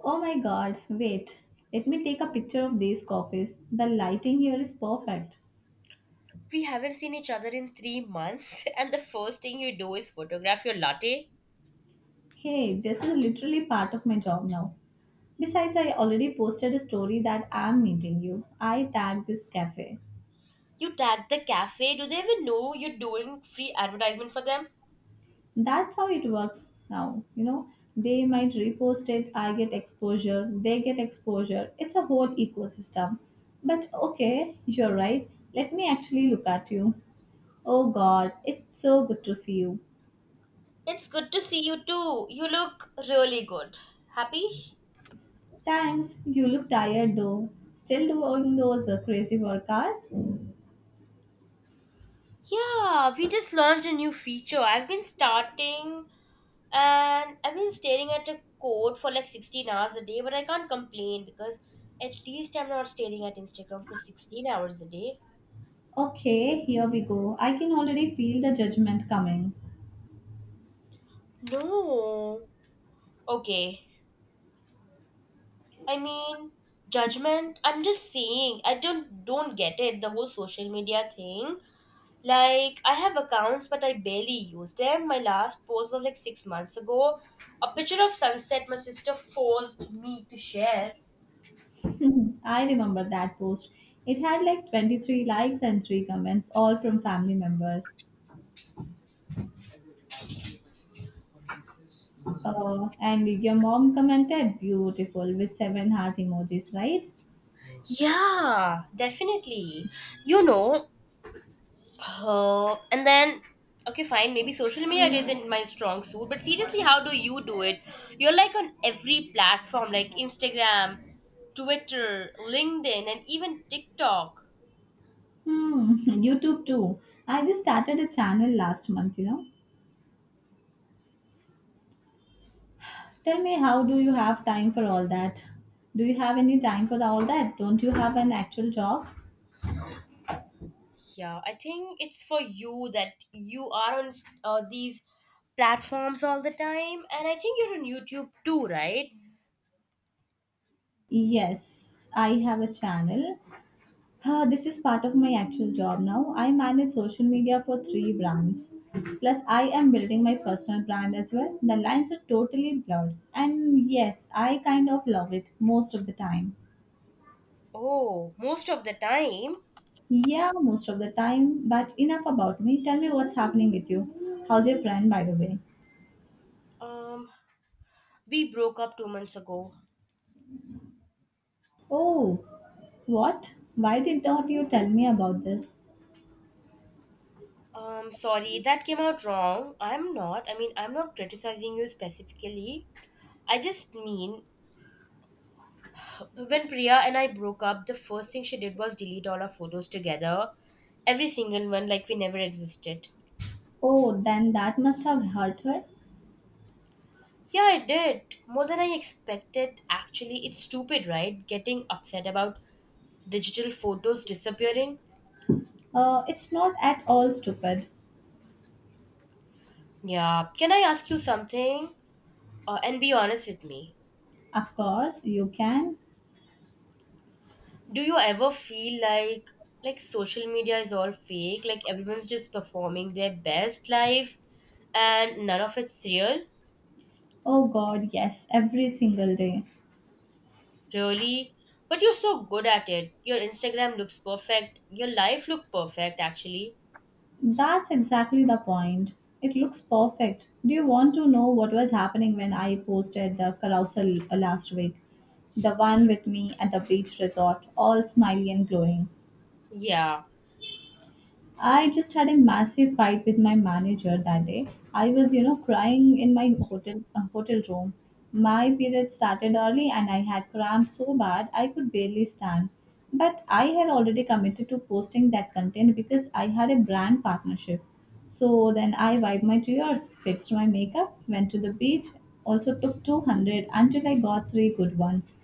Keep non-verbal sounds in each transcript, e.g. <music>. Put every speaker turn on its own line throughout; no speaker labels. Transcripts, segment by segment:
Oh my god, wait. Let me take a picture of these coffees. The lighting here is perfect.
We haven't seen each other in 3 months, <laughs> and the first thing you do is photograph your latte.
Hey, this is literally part of my job now. Besides, I already posted a story that I'm meeting you. I tagged this cafe.
You tag the cafe. Do they even know you're doing free advertisement for them?
That's how it works now. You know, they might repost it, I get exposure, they get exposure. It's a whole ecosystem. But okay, you're right. Let me actually look at you. Oh god, it's so good to see you.
It's good to see you too. You look really good. Happy?
Thanks. You look tired though. Still doing those crazy work hours?
Yeah, we just launched a new feature. I've been staring at a code for like 16 hours a day, but I can't complain because at least I'm not staring at Instagram for 16 hours a day.
Okay, here we go. I can already feel the judgment coming.
No. Okay, I mean, judgment. I'm just saying, I don't get it. The whole social media thing. Like, I have accounts, but I barely use them. My last post was like 6 months ago. A picture of sunset my sister forced me to share.
<laughs> I remember that post. It had like 23 likes and 3 comments, all from family members. And your mom commented beautiful with 7 heart emojis, right?
Yeah, definitely. You know, Oh, and then okay, fine. Maybe social media isn't my strong suit, but seriously, how do you do it? You're like on every platform, like Instagram, Twitter, LinkedIn, and even TikTok.
Hmm, <laughs> YouTube too. I just started a channel last month, you know. Tell me, how do you have time for all that? Do you have any time for all that? Don't you have an actual job?
Yeah, I think it's for you that you are on these platforms all the time, and I think you're on YouTube too, right?
Yes, I have a channel. This is part of my actual job now. I manage social media for three brands. Plus, I am building my personal brand as well. The lines are totally blurred. And yes, I kind of love it most of the time.
Oh, most of the time.
Yeah, most of the time. But enough about me. Tell me what's happening with you. How's your friend, by the way?
Um, we broke up 2 months ago.
Oh, what? Why did not you tell me about this?
Sorry, that came out wrong. I mean, I'm not criticizing you specifically. I just mean when Priya and I broke up, the first thing she did was delete all our photos together. Every single one, like we never existed.
Oh, then that must have hurt her.
Yeah, I did. More than I expected, actually. It's stupid, right? Getting upset about digital photos disappearing.
It's not at all stupid.
Yeah. Can I ask you something? And be honest with me.
Of course, you can.
Do you ever feel like social media is all fake? Like everyone's just performing their best life and none of it's real?
Oh god, yes, every single day.
Really? But you're so good at it. Your Instagram looks perfect. Your life look perfect actually.
That's exactly the point. It looks perfect. Do you want to know what was happening when I posted the carousel last week? The one with me at the beach resort, all smiley and glowing.
Yeah.
I just had a massive fight with my manager that day. I was, you know, crying in my hotel hotel room. My period started early and I had cramps so bad I could barely stand. But I had already committed to posting that content because I had a brand partnership. So then I wiped my tears, fixed my makeup, went to the beach, also took 200 until I got three good ones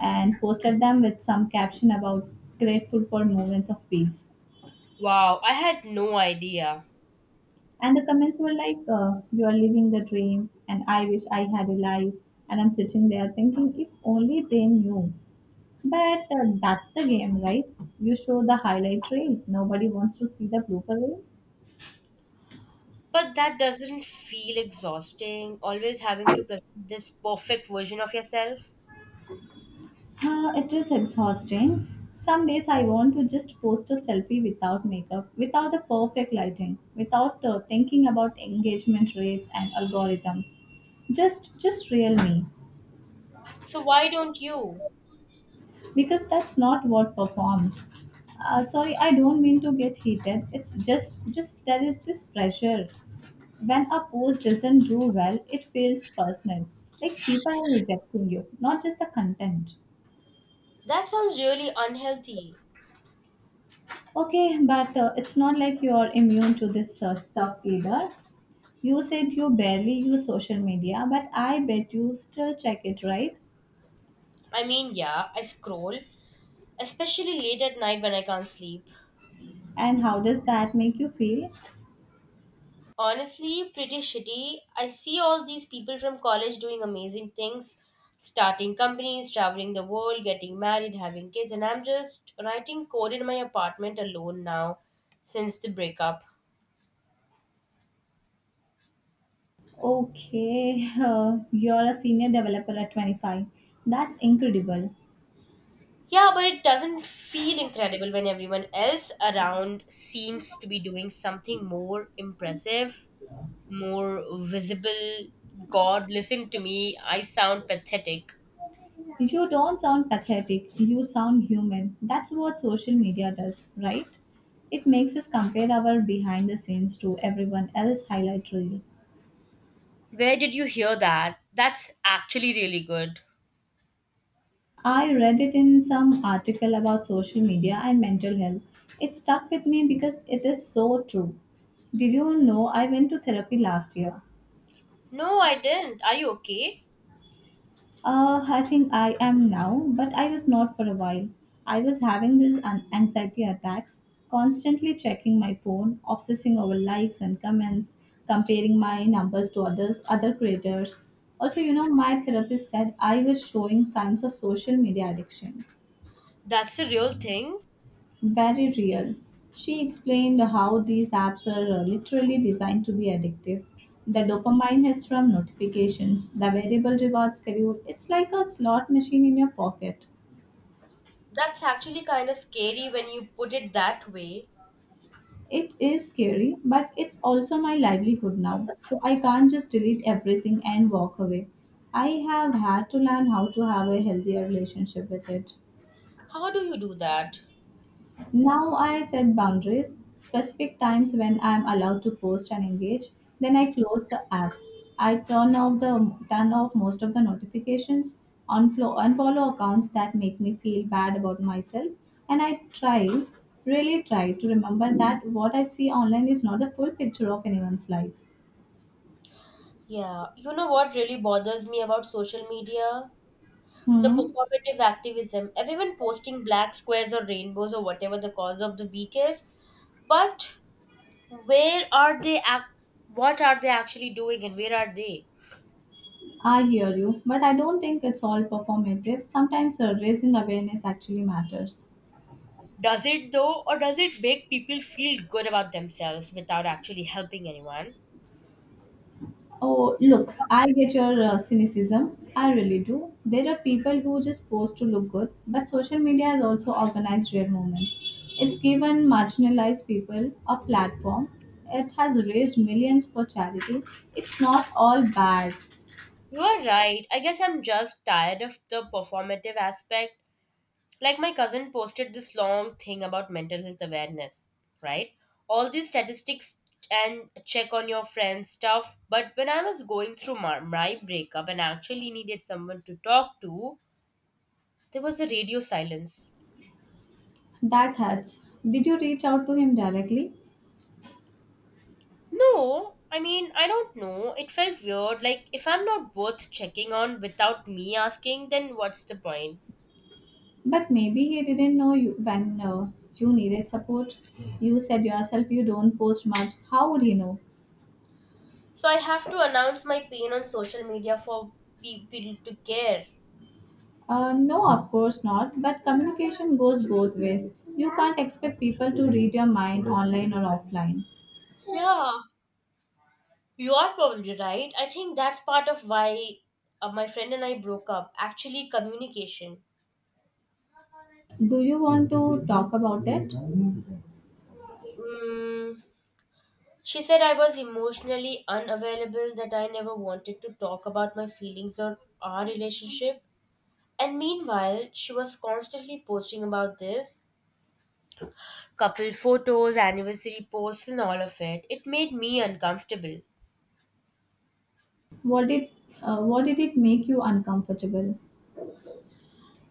and posted them with some caption about grateful for moments of peace.
Wow, I had no idea.
And the comments were like, you are living the dream, and I wish I had a life. And I'm sitting there thinking, if only they knew. But that's the game, right? You show the highlight reel. Nobody wants to see the blooper reel.
But that doesn't feel exhausting, always having to present this perfect version of yourself.
It is exhausting. Some days I want to just post a selfie without makeup, without the perfect lighting, without thinking about engagement rates and algorithms. Just real me.
So why don't you?
Because that's not what performs. Sorry, I don't mean to get heated. It's just there is this pressure. When a post doesn't do well, it feels personal, like people are rejecting you, not just the content.
That sounds really unhealthy.
Okay, but it's not like you're immune to this stuff either. You said you barely use social media, but I bet you still check it, right?
I mean, yeah, I scroll, especially late at night when I can't sleep.
And how does that make you feel?
Honestly, pretty shitty. I see all these people from college doing amazing things, starting companies, traveling the world, getting married, having kids, and I'm just writing code in my apartment alone now since the breakup.
Okay, <laughs> you're a senior developer at 25. That's incredible.
Yeah, but it doesn't feel incredible when everyone else around seems to be doing something more impressive, more visible. God, listen to me. I sound pathetic.
You don't sound pathetic, you sound human. That's what social media does, right? It makes us compare our behind the scenes to everyone else's highlight reel.
Where did you hear that? That's actually really good.
I read it in some article about social media and mental health. It stuck with me because it is so true. Did you know I went to therapy last year?
No, I didn't. Are you okay?
I think I am now, but I was not for a while. I was having these anxiety attacks, constantly checking my phone, obsessing over likes and comments, comparing my numbers to others, other creators. Also, you know, my therapist said I was showing signs of social media addiction.
That's a real thing.
Very real. She explained how these apps are literally designed to be addictive. The dopamine hits from notifications, the variable rewards schedule. It's like a slot machine in your pocket.
That's actually kind of scary when you put it that way.
It is scary, but it's also my livelihood now. So I can't just delete everything and walk away. I have had to learn how to have a healthier relationship with it.
How do you do that?
Now I set boundaries, specific times when I am allowed to post and engage. Then I close the apps. I turn off most of the notifications, unfollow accounts that make me feel bad about myself, and I really try to remember that what I see online is not the full picture of anyone's life.
Yeah, you know what really bothers me about social media? The
Hmm.
performative activism. Everyone posting black squares or rainbows or whatever the cause of the week is. But where are they? Ac- What are they actually doing and where are they?
I hear you, but I don't think it's all performative. Sometimes raising awareness actually matters.
Does it though, or does it make people feel good about themselves without actually helping anyone?
Oh, look, I get your cynicism. I really do. There are people who just post to look good, but social media has also organized real movements. It's given marginalized people a platform. It has raised millions for charity. It's not all bad.
You are right. I guess I'm just tired of the performative aspect. Like my cousin posted this long thing about mental health awareness, right? All these statistics and check on your friends stuff. But when I was going through my breakup and actually needed someone to talk to, there was a radio silence.
That hurts. Did you reach out to him directly?
No, I mean, I don't know. It felt weird. Like, if I'm not worth checking on without me asking, then what's the point?
But maybe he didn't know you when you needed support. You said yourself you don't post much. How would he know?
So I have to announce my pain on social media for people to care.
No, of course not, but communication goes both ways. You can't expect people to read your mind online or offline.
Yeah, you are probably right. I think that's part of why my friend and I broke up. Actually, communication.
Do you want to talk about it?
Mm, she said I was emotionally unavailable, that I never wanted to talk about my feelings or our relationship. And meanwhile, she was constantly posting about this couple photos, anniversary posts, and all of it. It made me uncomfortable.
What did what did it make you uncomfortable?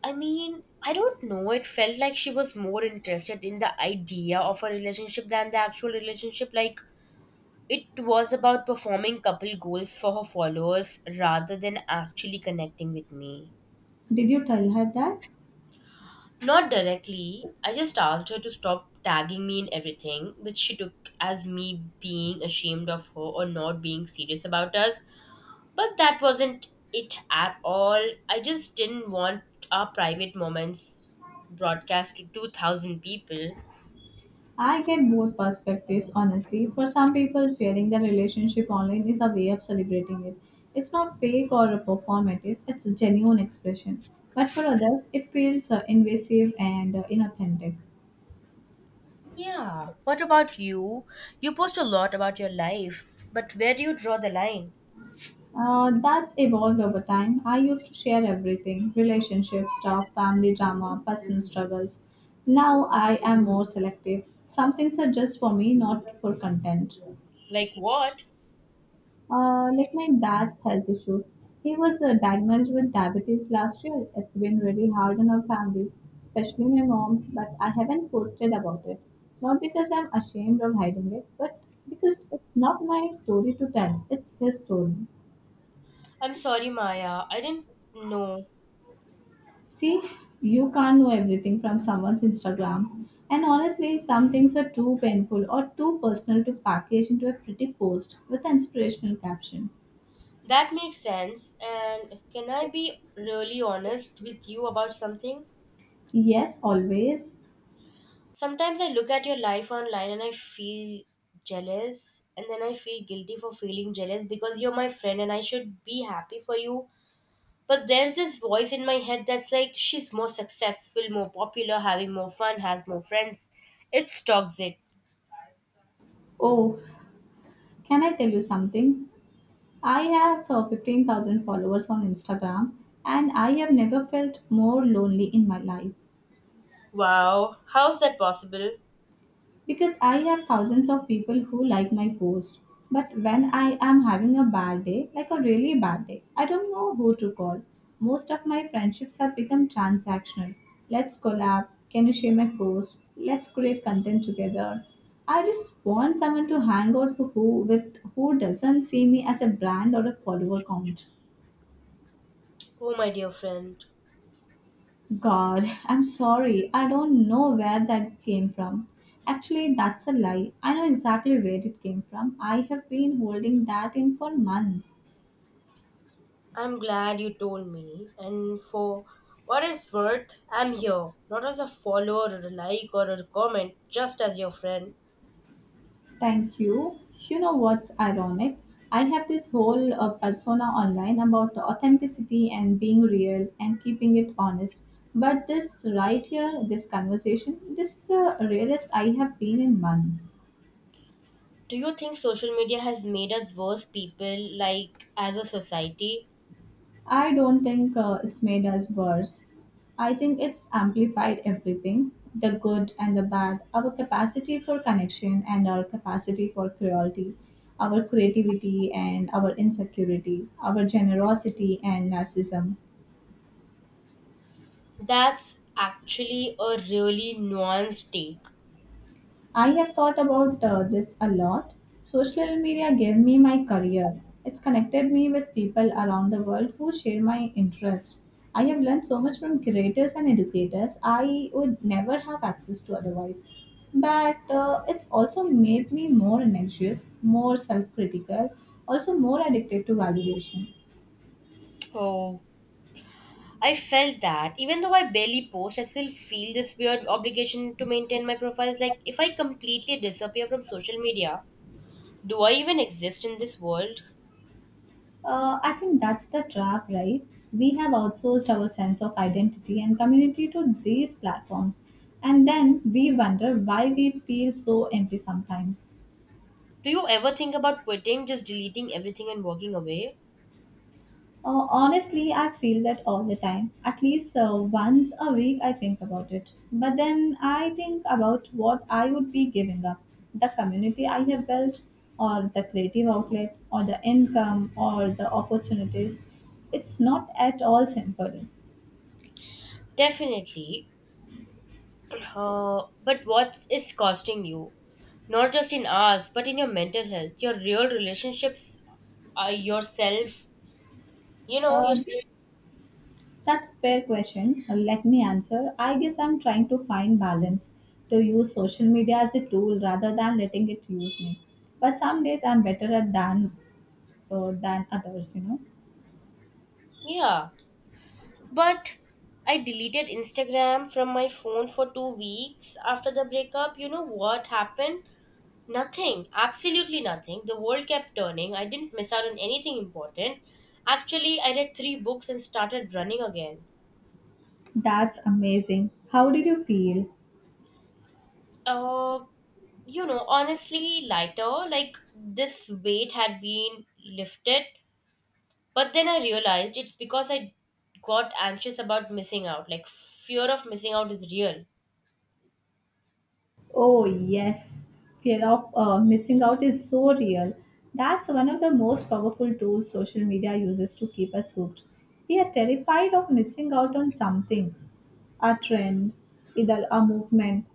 I mean, I don't know, it felt like she was more interested in the idea of a relationship than the actual relationship. Like, it was about performing couple goals for her followers rather than actually connecting with me.
Did you tell her that?
Not directly. I just asked her to stop tagging me in everything, which she took as me being ashamed of her or not being serious about us. But that wasn't it at all. I just didn't want our private moments broadcast to 2,000 people.
I get both perspectives, honestly. For some people, sharing their relationship online is a way of celebrating it. It's not fake or performative, it's a genuine expression. But for others, it feels invasive and inauthentic.
Yeah. What about you? You post a lot about your life, but where do you draw the line?
That's evolved over time. I used to share everything relationships, stuff, family drama, personal struggles. Now I am more selective. Some things are just for me, not for content.
Like what?
Like my dad's health issues. He was diagnosed with diabetes last year. It's been really hard on our family, especially my mom, but I haven't posted about it. Not because I'm ashamed or hiding it, but because it's not my story to tell, it's his story.
I'm sorry, Maya. I didn't know.
See, you can't know everything from someone's Instagram. And honestly, some things are too painful or too personal to package into a pretty post with an inspirational caption.
That makes sense. And can I be really honest with you about something?
Yes, always.
Sometimes I look at your life online and I feel jealous, and then I feel guilty for feeling jealous because you're my friend and I should be happy for you. But there's this voice in my head that's like, she's more successful, more popular, having more fun, has more friends. It's toxic.
Oh, can I tell you something? I have 15,000 followers on Instagram and I have never felt more lonely in my life.
Wow, how's that possible?
Because I have thousands of people who like my post. But when I am having a bad day, like a really bad day, I don't know who to call. Most of my friendships have become transactional. Let's collab. Can you share my post? Let's create content together. I just want someone to hang out with who doesn't see me as a brand or a follower count.
Oh, my dear friend.
God, I'm sorry. I don't know where that came from. Actually, that's a lie. I know exactly where it came from. I have been holding that in for months.
I'm glad you told me. And for what it's worth, I'm here, not as a follower or a like or a comment, just as your friend.
Thank you. You know what's ironic? I have this whole persona online about authenticity and being real and keeping it honest. But this right here, this conversation, this is the realest I have been in months.
Do you think social media has made us worse people, like as a society?
I don't think it's made us worse. I think it's amplified everything the good and the bad, our capacity for connection and our capacity for cruelty, our creativity and our insecurity, our generosity and narcissism.
That's actually a really nuanced take.
I have thought about this a lot. Social media gave me my career. It's connected me with people around the world who share my interest. I have learned so much from creators and educators I would never have access to otherwise. But it's also made me more anxious, more self critical, also more addicted to validation.
Oh, I felt that. Even though I barely post, I still feel this weird obligation to maintain my profiles. Like, if I completely disappear from social media, do I even exist in this world?
I think that's the trap, right? We have outsourced our sense of identity and community to these platforms, and then we wonder why we feel so empty sometimes.
Do you ever think about quitting, just deleting everything and walking away?
Honestly, I feel that all the time. At least once a week, I think about it. But then I think about what I would be giving up the community I have built, or the creative outlet, or the income, or the opportunities. It's not at all simple.
Definitely. But what is costing you? Not just in hours, but in your mental health, your real relationships, yourself, you know,
Um,
yourself.
That's a fair question. Let me answer. I guess I'm trying to find balance to use social media as a tool rather than letting it use me. But some days I'm better at than than others. You know.
Yeah. But I deleted Instagram from my phone for 2 weeks after the breakup. You know what happened? Nothing, absolutely nothing. The world kept turning. I didn't miss out on anything important. Actually, I read three books and started running again.
That's amazing. How did you feel?
Uh, you know, honestly, lighter. Like, this weight had been lifted. But then I realized it's because I got anxious about missing out. Like, fear of missing out is real.
Oh, yes. Fear of missing out is so real. That's one of the most powerful tools social media uses to keep us hooked. We are terrified of missing out on something a trend, either a movement,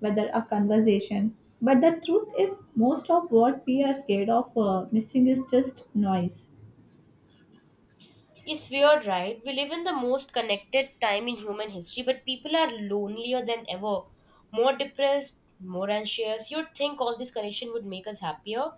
whether a conversation. But the truth is, most of what we are scared of missing is just noise.
It's weird, right? We live in the most connected time in human history, but people are lonelier than ever, more depressed, more anxious. You'd think all this connection would make us happier.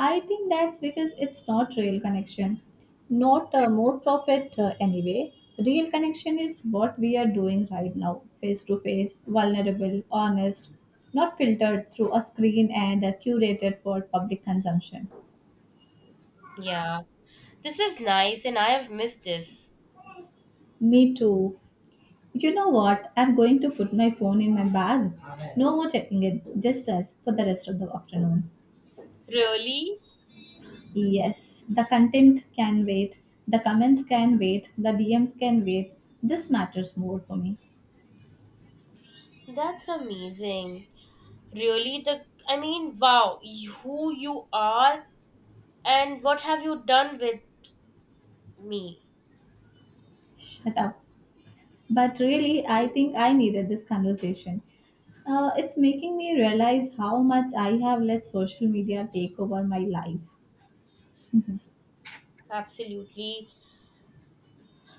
I think that's because it's not real connection. Not most of it, anyway. Real connection is what we are doing right now, face to face, vulnerable, honest, not filtered through a screen and curated for public consumption.
Yeah, this is nice, and I have missed this.
Me too. You know what? I'm going to put my phone in my bag. No more checking it, just us for the rest of the afternoon.
Really?
Yes, the content can wait, the comments can wait, the DMs can wait. This matters more for me.
That's amazing. Really, the I mean, wow, you- who you are and what have you done with me?
Shut up. But really, I think I needed this conversation. It's making me realize how much I have let social media take over my life.
Absolutely.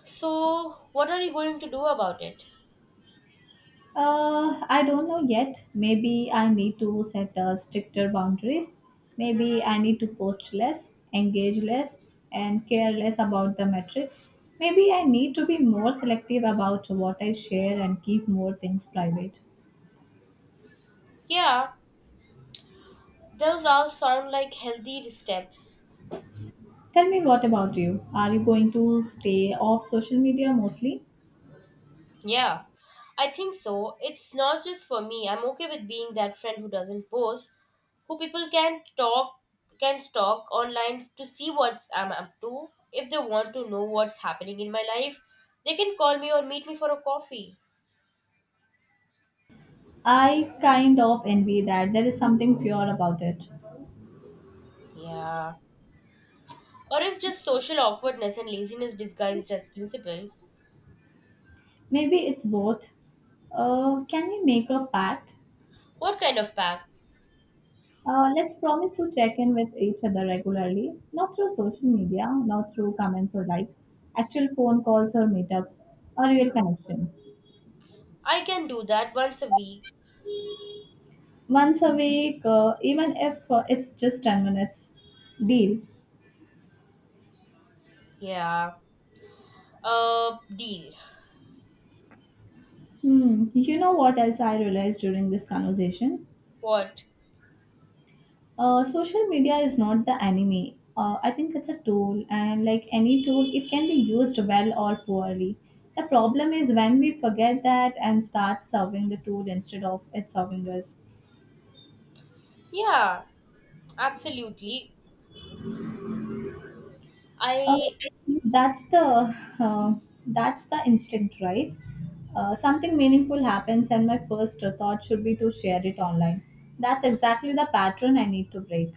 So, what are you going to do about it?
I don't know yet. Maybe I need to set stricter boundaries. Maybe I need to post less, engage less, and care less about the metrics. Maybe I need to be more selective about what I share and keep more things private.
Yeah, those all sound like healthy steps.
Tell me, what about you? Are you going to stay off social media mostly?
Yeah, I think so. It's not just for me. I'm okay with being that friend who doesn't post, who people can stalk online to see what I'm up to. If they want to know what's happening in my life, they can call me or meet me for a coffee.
I kind of envy that. There is something pure about it.
Yeah. Or it's just social awkwardness and laziness disguised as principles.
Maybe it's both. Can we make a pact?
What kind of pack?
Let's promise to check in with each other regularly, not through social media, not through comments or likes, actual phone calls or meetups, a real connection.
I can do that once a week.
Once a week, even if it's just 10 minutes. Deal.
Yeah. Deal.
Hmm. You know what else I realized during this conversation?
What?
Social media is not the enemy. I think it's a tool, and like any tool, it can be used well or poorly. The problem is when we forget that and start serving the tool instead of it serving us.
Yeah, absolutely.
Uh,
I it's
that's the uh, that's the instinct, right? Something meaningful happens, and my first thought should be to share it online. That's exactly the pattern I need to break.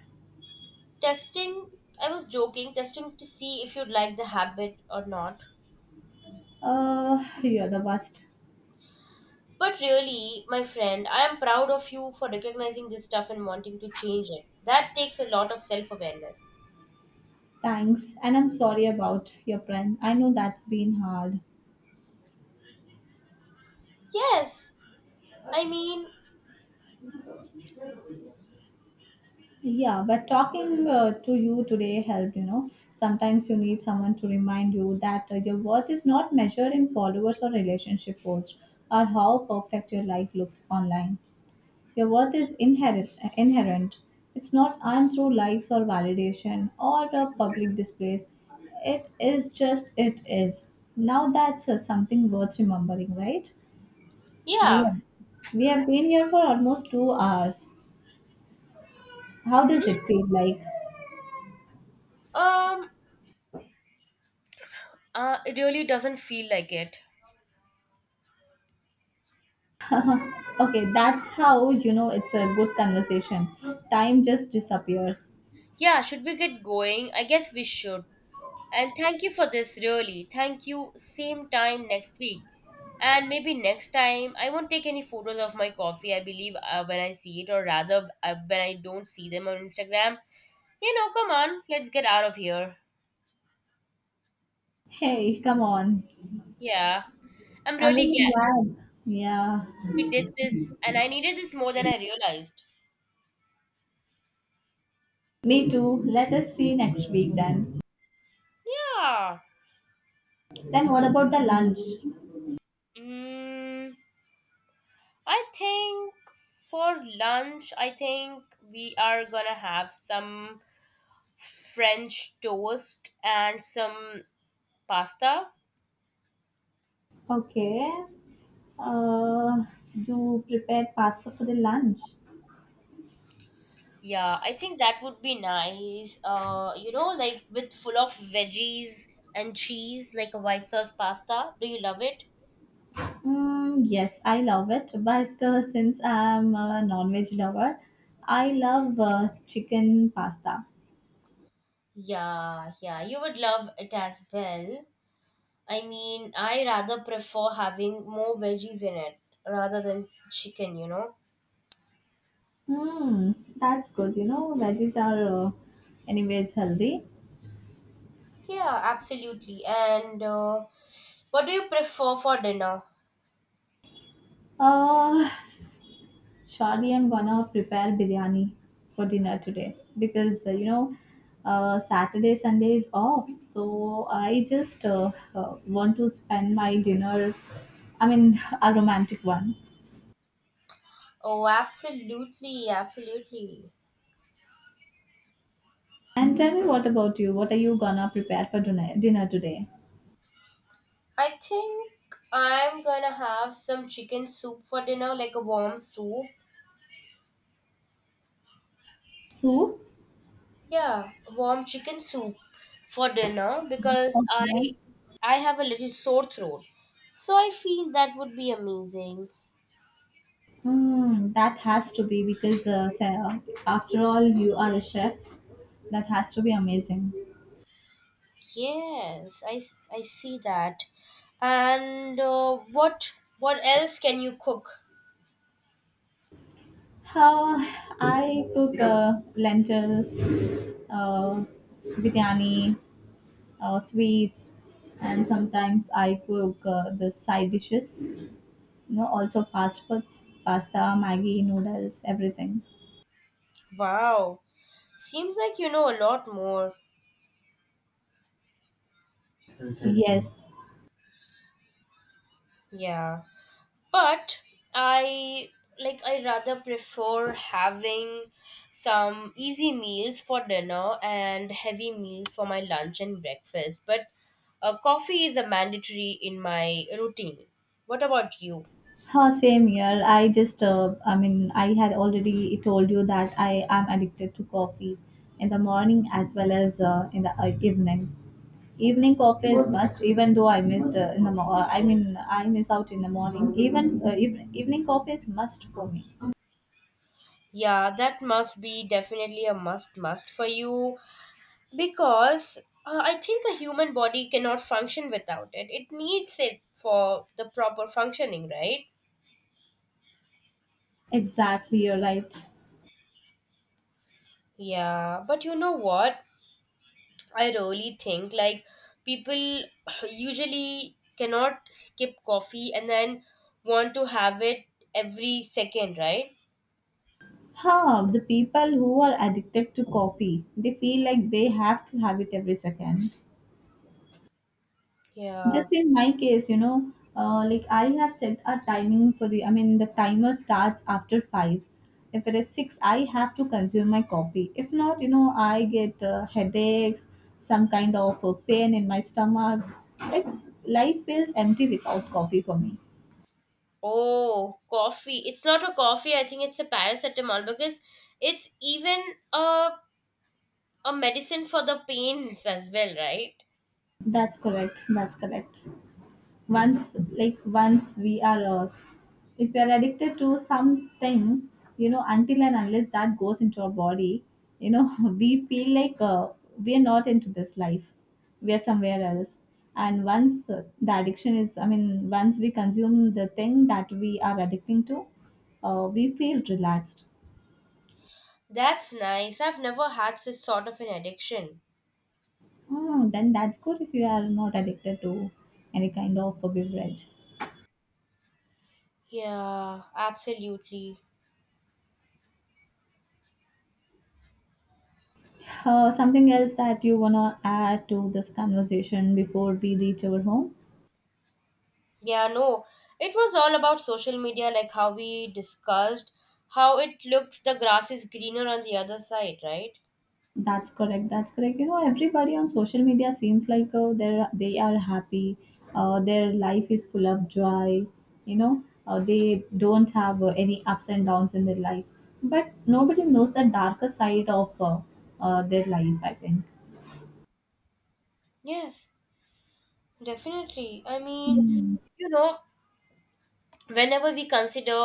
testing, I was joking, testing to see if you'd like the habit or not.
You're the worst.
But really, my friend, I am proud of you for recognizing this stuff and wanting to change it. That takes a lot of self awareness.
Thanks, and I'm sorry about your friend. I know that's been hard.
Yes, I mean,
Yeah, but talking to you today helped, you know. Sometimes you need someone to remind you that your worth is not measured in followers or relationship posts or how perfect your life looks online. Your worth is inherent. Inherent. It's not earned through likes or validation or public displays. It is just it is. Now that's something worth remembering, right? We
yeah.
have, we have been here for almost 2 hours. How does
Yeah.
it feel like?
Um, it really doesn't feel like it.
Okay, that's how you know it's a good conversation. Time just disappears.
Yeah, should we get going? I guess we should. And thank you for this, really. Thank you. Same time next week. And maybe next time, I won't take any photos of my coffee, I believe, when I see it, or rather, when I don't see them on Instagram. You know, come on, let's get out of here.
Hey, come on.
Yeah. I'm
I'm
really
really
glad
glad. Yeah,
we did this, and I needed this more than I realized.
me too. Let us see next week then.
Yeah.
Then what about the lunch?
Mm, I think for lunch, I think we are gonna have some French toast and some pasta.
Okay. Uh, you prepared pasta for the lunch.
Yeah, I think that would be nice. You know, like with full of veggies and cheese, like a white sauce pasta. Do you love it?
Mm, yes, I love it. But since I'm a non-veg lover, I love chicken pasta.
Yeah, yeah, you would love it as well. I mean, I rather prefer having more veggies in it rather than chicken, you know?
Hmm, that's good. You know, veggies are anyways healthy.
Yeah, absolutely. And what do you prefer for dinner?
Uh, Surely I'm gonna prepare biryani for dinner today because you know, Saturday Sunday is off, so I just want to spend my dinner. I mean, <laughs> a romantic one.
Oh, absolutely, absolutely.
And tell me, what about you? What are you gonna prepare for dinner today?
I think I'm gonna have some chicken soup for dinner, like a warm soup.
Soup?
Yeah, warm chicken soup for dinner because
Okay.
I have a little sore throat. So I feel that would be amazing.
Mm, that has to be because after all, you are a chef. That has to be amazing.
I see that. And what else can you cook?
How I cook lentils, uh, biryani, sweets, and sometimes I cook the side dishes. You know, also fast foods, pasta, Maggi, noodles, everything.
Wow. Seems like you know a lot more.
Yes.
Yeah, but I like I rather prefer having some easy meals for dinner and heavy meals for my lunch and breakfast, but coffee is a mandatory in my routine. What about you?
Huh, same here. I just, I had already told you that I am addicted to coffee in the morning as well as in the evening. Evening coffee is must, even though I missed in the mo- I mean, I miss out in the morning. Even evening coffee is must for me.
Yeah, that must be definitely a must for you, because I think a human body cannot function without it. It needs it for the proper functioning, right?
Exactly, you're right.
Yeah, but you know what? I really think like people <clears throat> usually cannot skip coffee and then want to have it every second, right?
Huh, the people who are addicted to coffee, they feel like they have to have it every second.
Yeah.
Just in my case, you know, like I have set a timing for the I mean the timer. Starts after 5. If it is 6, I have to consume my coffee. If not, you know, I get headaches, some kind of pain in my stomach. It life feels empty without coffee for me.
Oh, coffee. It's not a coffee, I think it's a paracetamol because it's even a a medicine for the pains as well, right?
That's correct. Once, like once we are if we are addicted to something, you know, until and unless that goes into our body, you know, <laughs> we feel like we are not into this life, we are somewhere else. And once the addiction is, once we consume the thing that we are addicting to, we feel relaxed.
That's nice. I've never had this sort of an addiction.
Mm, then that's good, if you are not addicted to any kind of a beverage.
Yeah, absolutely.
Something else that you wanna add to this conversation before we reach our home?
Yeah, no. It was all about social media, like how we discussed, how it looks the grass is greener on the other side, right?
That's correct. You know, everybody on social media seems like they are happy. Their life is full of joy. You know, they don't have any ups and downs in their life. But nobody knows the darker side of their life, I think.
Yes, definitely. I mean,
Hmm.
you know, whenever we consider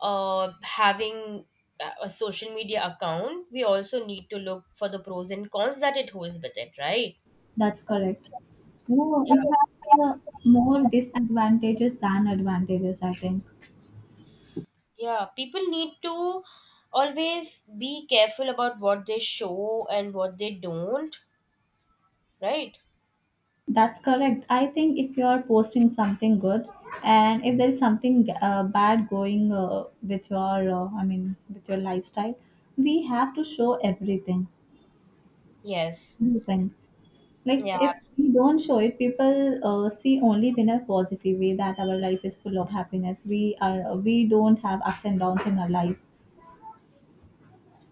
having a social media account, we also need to look for the pros and cons that it holds with it, right?
That's correct. No, it
Yeah.
has more disadvantages than advantages, I think.
Yeah, people need to always be careful about what they show and what they don't, right?
That's correct. I think if you are posting something good, and if there is something bad going with your lifestyle, we have to show everything.
Yes.
Everything. Like
Yeah.
if we don't show it, people see only in a positive way that our life is full of happiness. We don't have ups and downs in our life.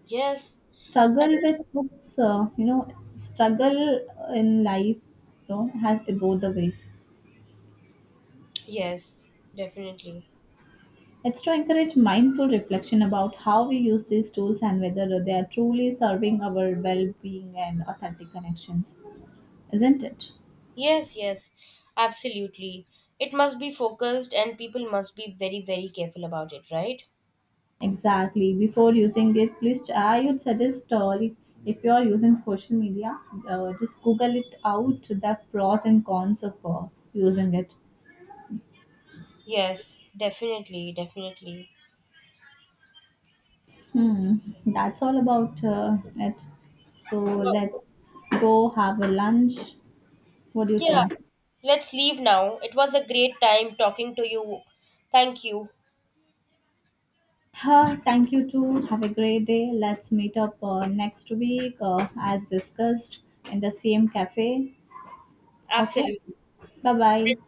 Yes. Uh,
Struggle with books, you know, struggle in life, you know, has both the ways.
yes, definitely.
It's to encourage mindful reflection about how we use these tools and whether they are truly serving our well being and authentic connections, isn't it?
Yes, yes. Absolutely. It must be focused and people must be very, very careful about it, right?
Exactly. Before using it, please, I would suggest, if you are using social media, just Google it out, the pros and cons of using it.
Yes, definitely, definitely.
Hmm, that's all about it. So
Well,
let's go have a lunch. What do you
yeah.
think?
Let's leave now. It was a great time talking to you. Thank you.
Huh, thank you too. Have a great day. Let's meet up next week, as discussed, in the same cafe. Okay,
Absolutely.
bye bye.
Let-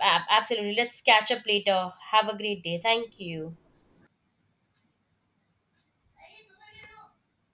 Absolutely. Let's catch up later. Have a great day. Thank you.